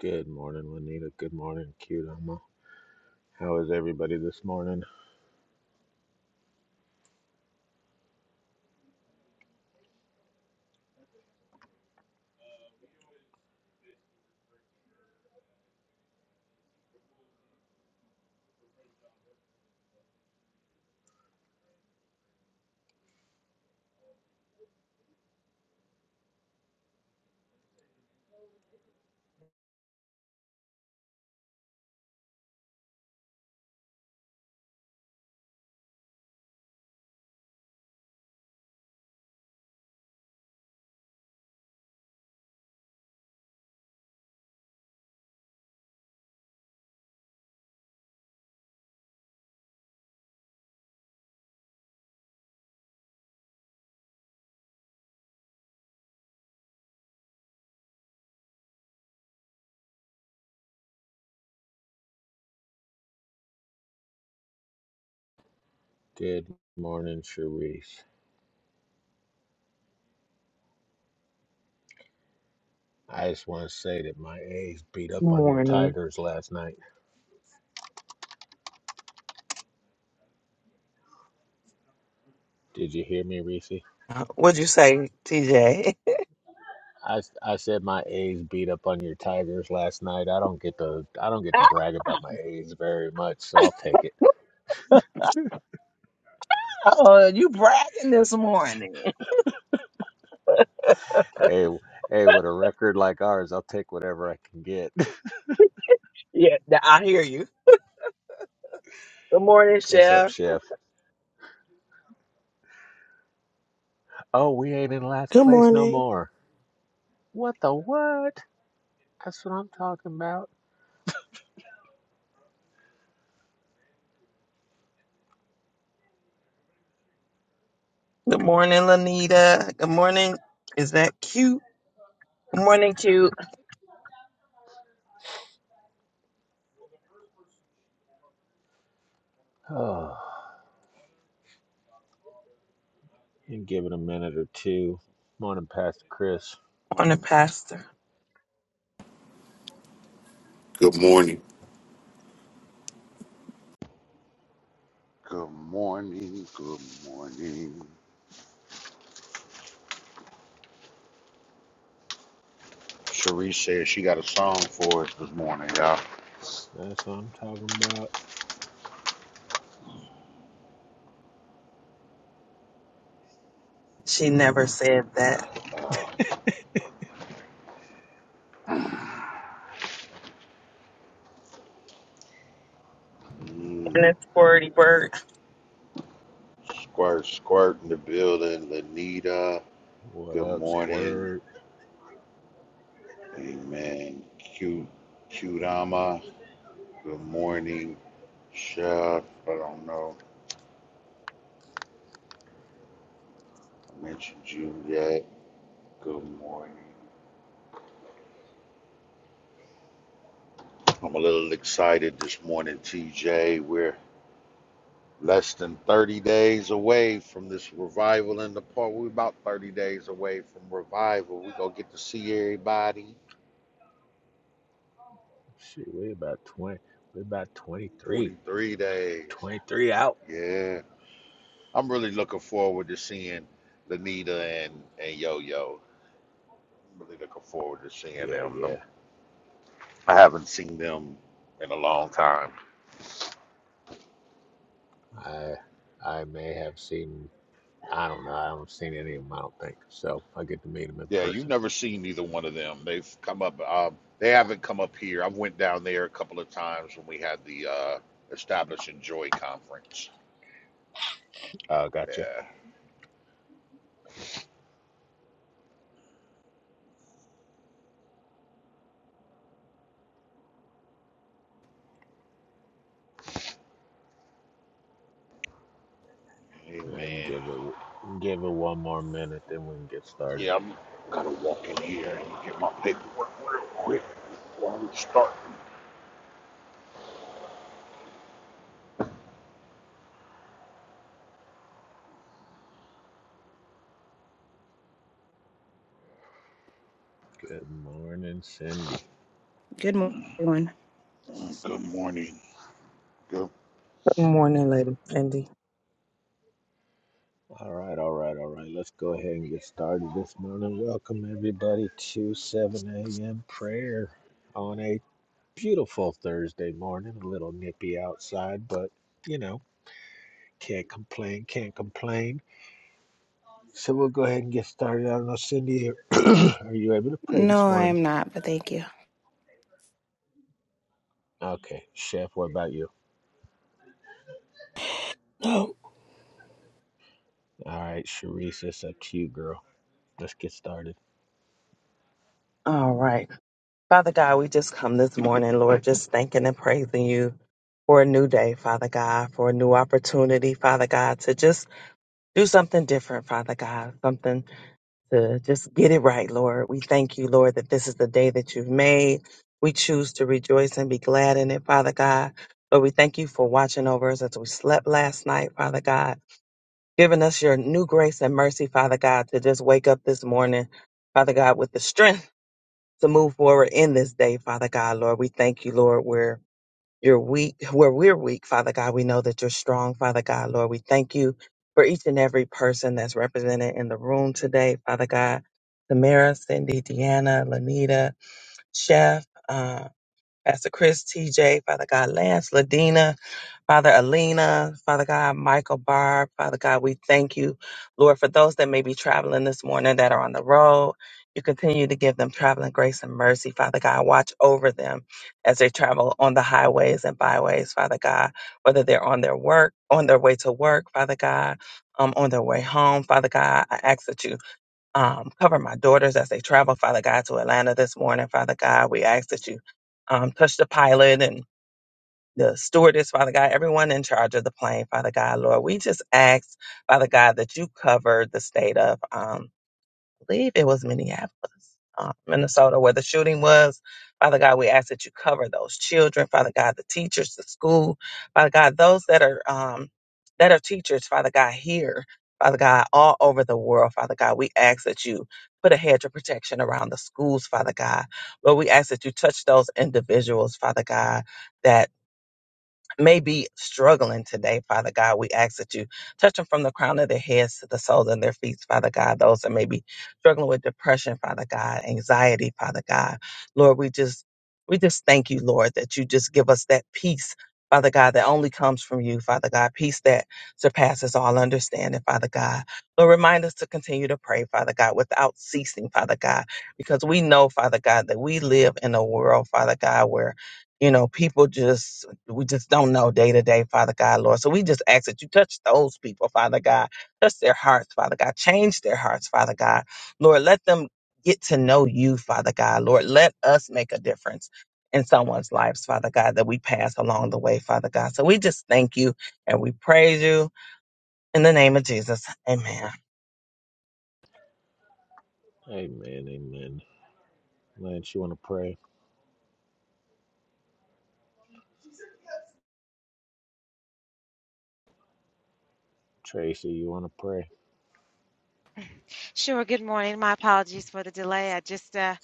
Good morning, Juanita. Good morning, Qdama. How is everybody this morning? Good morning, Sharice. I just want to say that my A's beat up on your morning. Tigers last night. Did you hear me, Reese? Uh, What'd you say, TJ? I, I said my A's beat up on your Tigers last night. I don't get to I don't get to brag about my A's very much, so I'll take it. oh, you bragging this morning. Hey, hey, with a record like ours, I'll take whatever I can get. Yeah, th- I hear you. Good morning, What's up, Chef. Chef? Oh, we ain't in last Good place no morning. more. What the what? That's what I'm talking about. Good morning, Lanita. Good morning. Is that cute? Good morning, cute. Oh, and give it a minute or two. Morning, Pastor Chris. On the pastor. Good morning. Good morning, good morning. Cherie says she got a song for us this morning, y'all. That's what I'm talking about. She never said that. Mm, And it's Squirty Bird. Good squirt, squirt in the building. Lanita, What good up, morning. Squirt? Amen. Cute, cute ama. Good morning. Chef, I don't know. I mentioned you yet. Good morning. I'm a little excited this morning, TJ. We're less than 30 days away from this revival in the park. We're about 30 days away from revival. We're going to get to see everybody Shit, we about 20. We about 23. 23 days. 23 out. Yeah. I'm really looking forward to seeing Lanita and, and Yo Yo. I'm really looking forward to seeing Yeah, them. yeah. them. I haven't seen them in a long time. I I may have seen. I don't know. I haven't seen any of them. I don't think so. I get to meet them in Yeah, you've person. never seen either one of them. They've come up. Um, they Yeah. haven't come up here. I went down there a couple of times when we had the uh, Establishing Joy conference. Oh, gotcha. Yeah. And Amen. give it give it one more minute, then we can get started. Yeah, I'm gonna walk in here and get my paperwork real quick before we start. Good morning, Cindy. Good morning, everyone. Good morning. Good. morning, Lady Cindy. All right, all right, all right. Let's go ahead and get started this morning. Welcome, everybody, to 7 a.m. prayer on a beautiful Thursday morning. A little nippy outside, but you know, can't complain, can't complain. So we'll go ahead and get started. I don't know, Cindy, are you able to pray this No, I morning? am not, but thank you. Okay, Chef, what about you? No. All right, Sharice, it's up to you, girl. Let's get started. All right. Father God, we just come this morning, Lord, just thanking and praising you for a new day, Father God, for a new opportunity, Father God, to just do something different, Father God, something to just get it right, Lord. We thank you, Lord, that this is the day that you've made. We choose to rejoice and be glad in it, Father God. Lord, we thank you for watching over us as we slept last night, Father God, giving us your new grace and mercy, Father God, to just wake up this morning, Father God, with the strength to move forward in this day, Father God. Lord, we thank you, Lord you're weak where we're weak father god we know that you're strong father god lord we thank you for each and every person that's represented in the room today father god samara cindy deanna lanita chef uh, pastor chris tj father god lance ladina Father Alina, Father God, Michael Barb, Father God, we thank you, Lord, for those that may be traveling this morning that are on the road. You continue to give them traveling grace and mercy, Father God. Watch over them as they travel on the highways and byways, Father God, whether they're on their work, on their way to work, Father God, um, on their way home, Father God. I ask that you um, cover my daughters as they travel, Father God, to Atlanta this morning, Father God. We ask that you um, touch the pilot and the stewardess, Father God, everyone in charge of the plane, Father God, Lord, we just ask, Father God, that you cover the state of, um, I believe it was Minneapolis, uh, Minnesota, where the shooting was. Father God, we ask that you cover those children, Father God, the teachers, the school, Father God, those that are, um, that are teachers, Father God, here, Father God, all over the world, Father God, we ask that you put a hedge of protection around the schools, Father God. Lord, we ask that you touch those individuals, Father God, that may be struggling today, Father God. We ask that you touch them from the crown of their heads to the soles of their feet, Father God. Those that may be struggling with depression, Father God, anxiety, Father God. Lord, we just we just thank you, Lord, that you just give us that peace. Father God, that only comes from you, Father God, peace that surpasses all understanding, Father God. Lord, remind us to continue to pray, Father God, without ceasing, Father God, because we know, Father God, that we live in a world, Father God, where you know, people just we just don't know day to day, Father God, Lord. So we just ask that you touch those people, Father God. Touch their hearts, Father God. Change their hearts, Father God. Lord, let them get to know you, Father God. Lord, let us make a difference in someone's lives, Father God, that we pass along the way, Father God. So we just thank you and we praise you in the name of Jesus. Amen. Amen, amen. Lance, you want to pray? Tracy, you want to pray? Sure, good morning. My apologies for the delay. I just uh,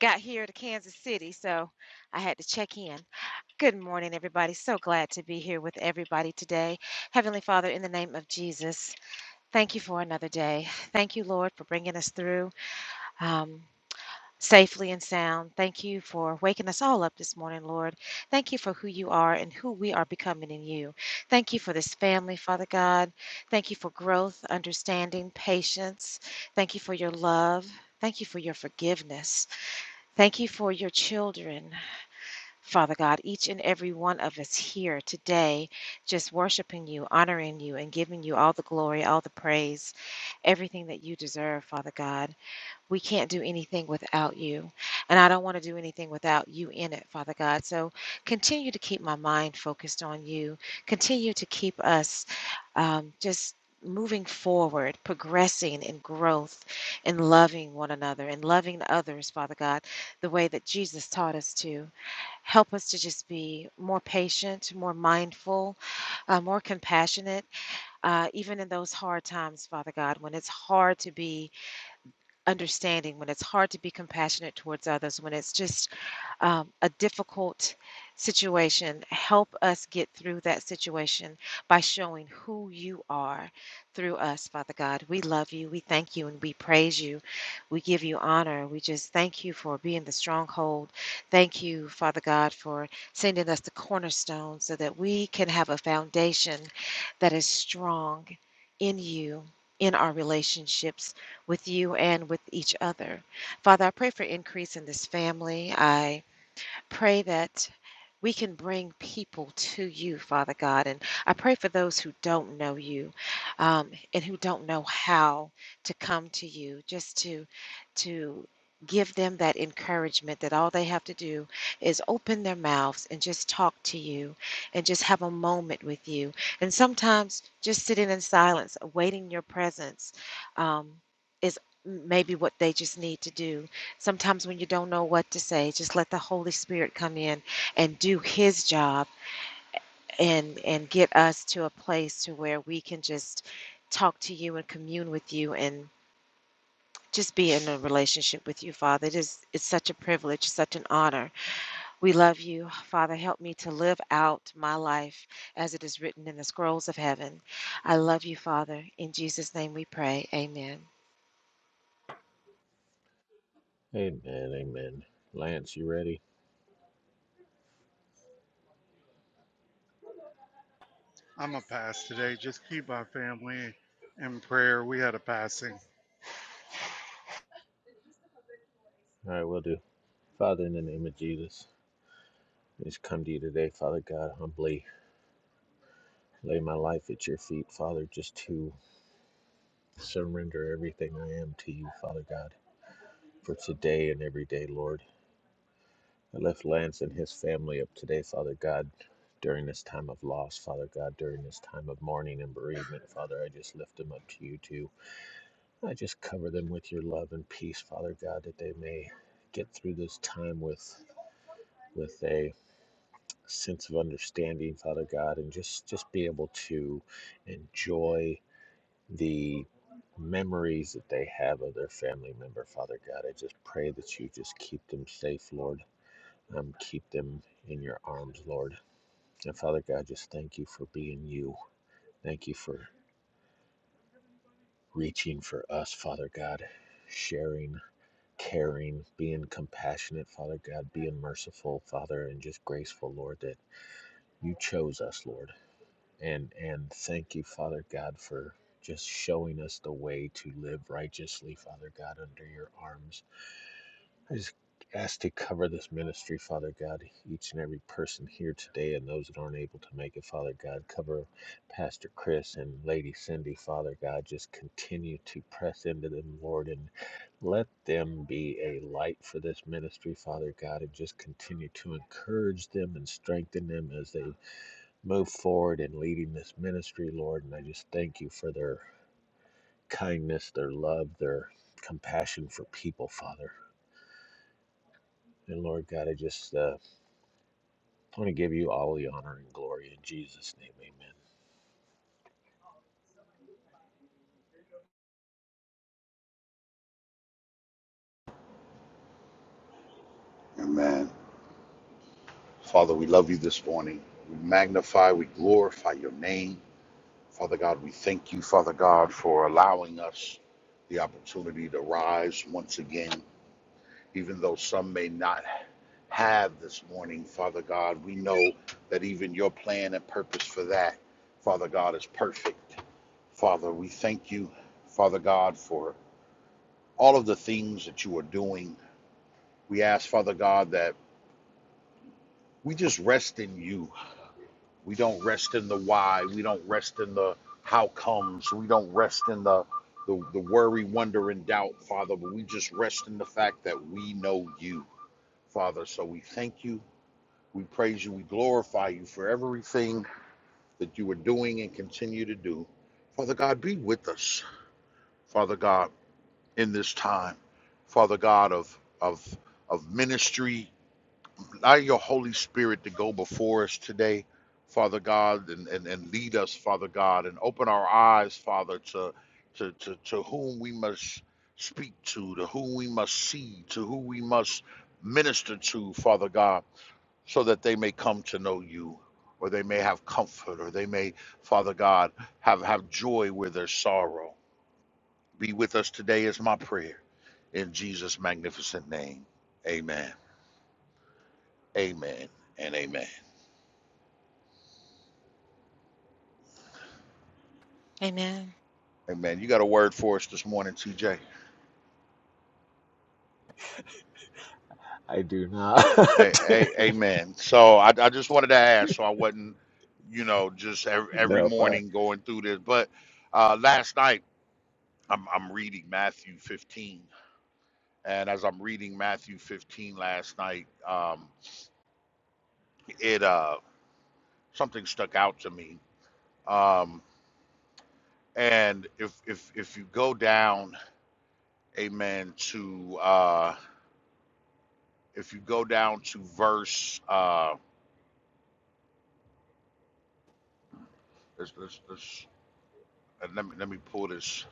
got here to Kansas City, so I had to check in. Good morning, everybody. So glad to be here with everybody today. Heavenly Father, in the name of Jesus, thank you for another day. Thank you, Lord, for bringing us through. Um, safely and sound. Thank you for waking us all up this morning, Lord. Thank you for who you are and who we are becoming in you. Thank you for this family, Father God. Thank you for growth, understanding, patience. Thank you for your love. Thank you for your forgiveness. Thank you for your children, Father God, each and every one of us here today, just worshiping you, honoring you, and giving you all the glory, all the praise, everything that you deserve, Father God we can't do anything without you. And I don't want to do anything without you in it, Father God. So continue to keep my mind focused on you. Continue to keep us um, just moving forward, progressing in growth, in loving one another, and loving others, Father God, the way that Jesus taught us to. Help us to just be more patient, more mindful, uh, more compassionate, uh, even in those hard times, Father God, when it's hard to be understanding, when it's hard to be compassionate towards others, when it's just um, a difficult situation, help us get through that situation by showing who you are through us, Father God. We love you. We thank you and we praise you. We give you honor. We just thank you for being the stronghold. Thank you, Father God, for sending us the cornerstone so that we can have a foundation that is strong in you. In our relationships, with you and with each other. Father, I pray for increase in this family. I Pray that we can bring people to you, Father God. And I pray for those who don't know you um, and who don't know how to come to you, just to to give them that encouragement that all they have to do is open their mouths and just talk to you and just have a moment with you. And sometimes just sitting in silence, awaiting your presence, um, is maybe what they just need to do Sometimes when you don't know what to say, just let the Holy Spirit come in and do his job and and get us to a place to where we can just talk to you and commune with you and just be in a relationship with you, Father. It is it's such a privilege, such an honor. We love you, Father. Help me to live out my life as it is written in the scrolls of heaven. I love you, Father. In Jesus' name we pray. Amen. Amen, amen. Lance, you ready? I'm a pass today. Just keep my family in prayer. We had a passing. All right, we'll do. Father, in the name of Jesus, I just come to you today, Father God, humbly lay my life at your feet, Father, just to surrender everything I am to you, Father God, for today and every day, Lord. I lift Lance and his family up today, Father God, during this time of loss, Father God, during this time of mourning and bereavement, Father, I just lift them up to you too. I just cover them with your love and peace, Father God, that they may get through this time with with a sense of understanding, Father God, and just just be able to enjoy the memories that they have of their family member, Father God. I just pray that you just keep them safe, Lord. Um, keep them in your arms, Lord. And Father God, just thank you for being you. Thank you for reaching for us, Father God, sharing, caring, being compassionate, Father God, being merciful, Father, and just graceful, Lord, that you chose us, Lord. And and thank you, Father God, for just showing us the way to live righteously, Father God, under your arms. I just ask to cover this ministry, Father God, each and every person here today and those that aren't able to make it, Father God. Cover Pastor Chris and Lady Cindy, Father God. Just continue to press into them, Lord, and let them be a light for this ministry, Father God, and just continue to encourage them and strengthen them as they move forward in leading this ministry, Lord. And I just thank you for their kindness, their love, their compassion for people, Father. And Lord God, I just uh, want to give you all the honor and glory in Jesus' name. Amen. Amen. Father, we love you this morning. We magnify, we glorify your name. Father God, we thank you, Father God, for allowing us the opportunity to rise once again even though some may not have this morning, Father God. We know that even your plan and purpose for that, Father God, is perfect. Father, we thank you, Father God, for all of the things that you are doing. We ask, Father God, that we just rest in you. We don't rest in the why. We don't rest in the how comes. We don't rest in the the, the worry, wonder, and doubt, Father, but we just rest in the fact that we know you, Father. So we thank you We praise you. We glorify you for everything that you are doing and continue to do. Father God, be with us, Father God, in this time, Father God of of of ministry. Allow your Holy Spirit to go before us today, Father God, and, and, and lead us, Father God, and open our eyes, Father, to to, to to whom we must speak to, to whom we must see, to who we must minister to, Father God so that they may come to know you or they may have comfort or they may father god have have joy where there's sorrow be with us today is my prayer in jesus magnificent name amen amen and amen Amen. amen you got a word for us this morning tj I do not. a- a- amen so I, I just wanted to ask so i wasn't you know just every, every nope. I... morning going through this but uh last night i'm, I'm reading matthew 15 And as I'm reading Matthew 15 last night, um, it uh, something stuck out to me. Um, and if if if you go down, Amen to uh, if you go down to verse, uh, let's, let's, let's, and let me let me pull this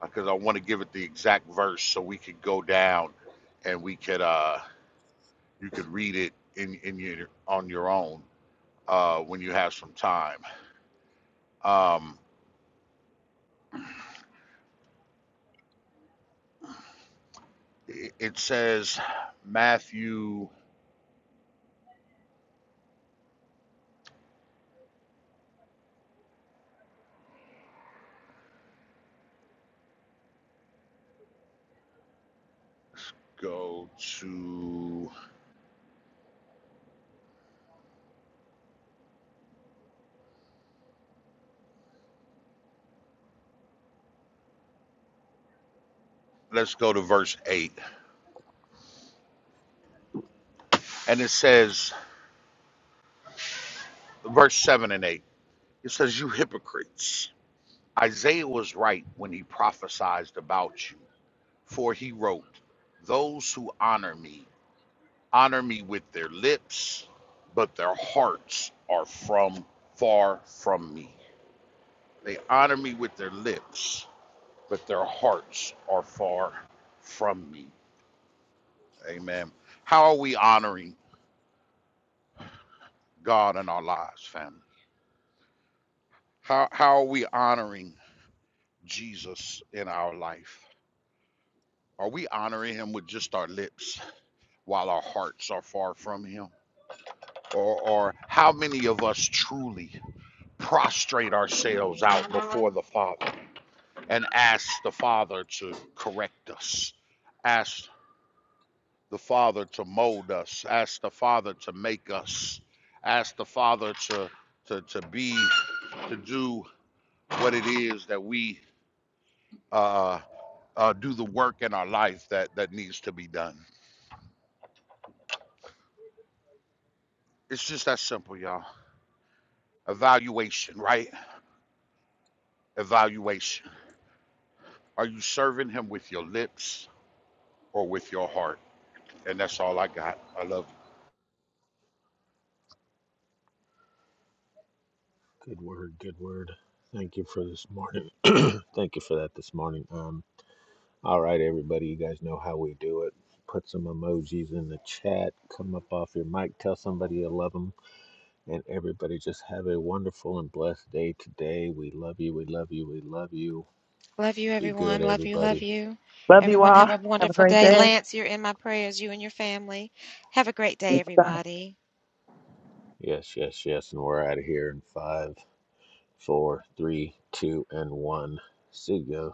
because I want to give it the exact verse so we could go down and we could uh, you could read it in in your on your own uh, when you have some time. Um, it says Matthew let's go to let's go to verse 8 and it says verse 7 and 8 it says you hypocrites isaiah was right when he prophesied about you for he wrote those who honor me honor me with their lips but their hearts are from far from me they honor me with their lips but their hearts are far from me Amen. How are we honoring God in our lives, family? How how are we honoring Jesus in our life? Are we honoring him with just our lips while our hearts are far from him? Or or how many of us truly prostrate ourselves out before the Father and ask the Father to correct us? Ask the Father to mold us, ask the Father to make us, ask the Father to to, to be to do what it is that we uh, uh, do the work in our life that that needs to be done. It's just that simple, y'all. Evaluation, right? Evaluation. Are you serving Him with your lips or with your heart? And that's all I got. I love. you. Good word. Good word. Thank you for this morning. thank you for that this morning. Um, all right, everybody. You guys know how we do it. Put some emojis in the chat. Come up off your mic. Tell somebody you love 'em And everybody just have a wonderful and blessed day today. We love you. We love you. We love you. Love you, Be good, everyone. Love you, love everybody. you. Love you Everyone, have all. a Have a wonderful great day. day. Lance, you're in my prayers, you and your family. Have a great day, everybody. Yes, yes, yes. And we're out of here in five, four, three, two, and one. See ya.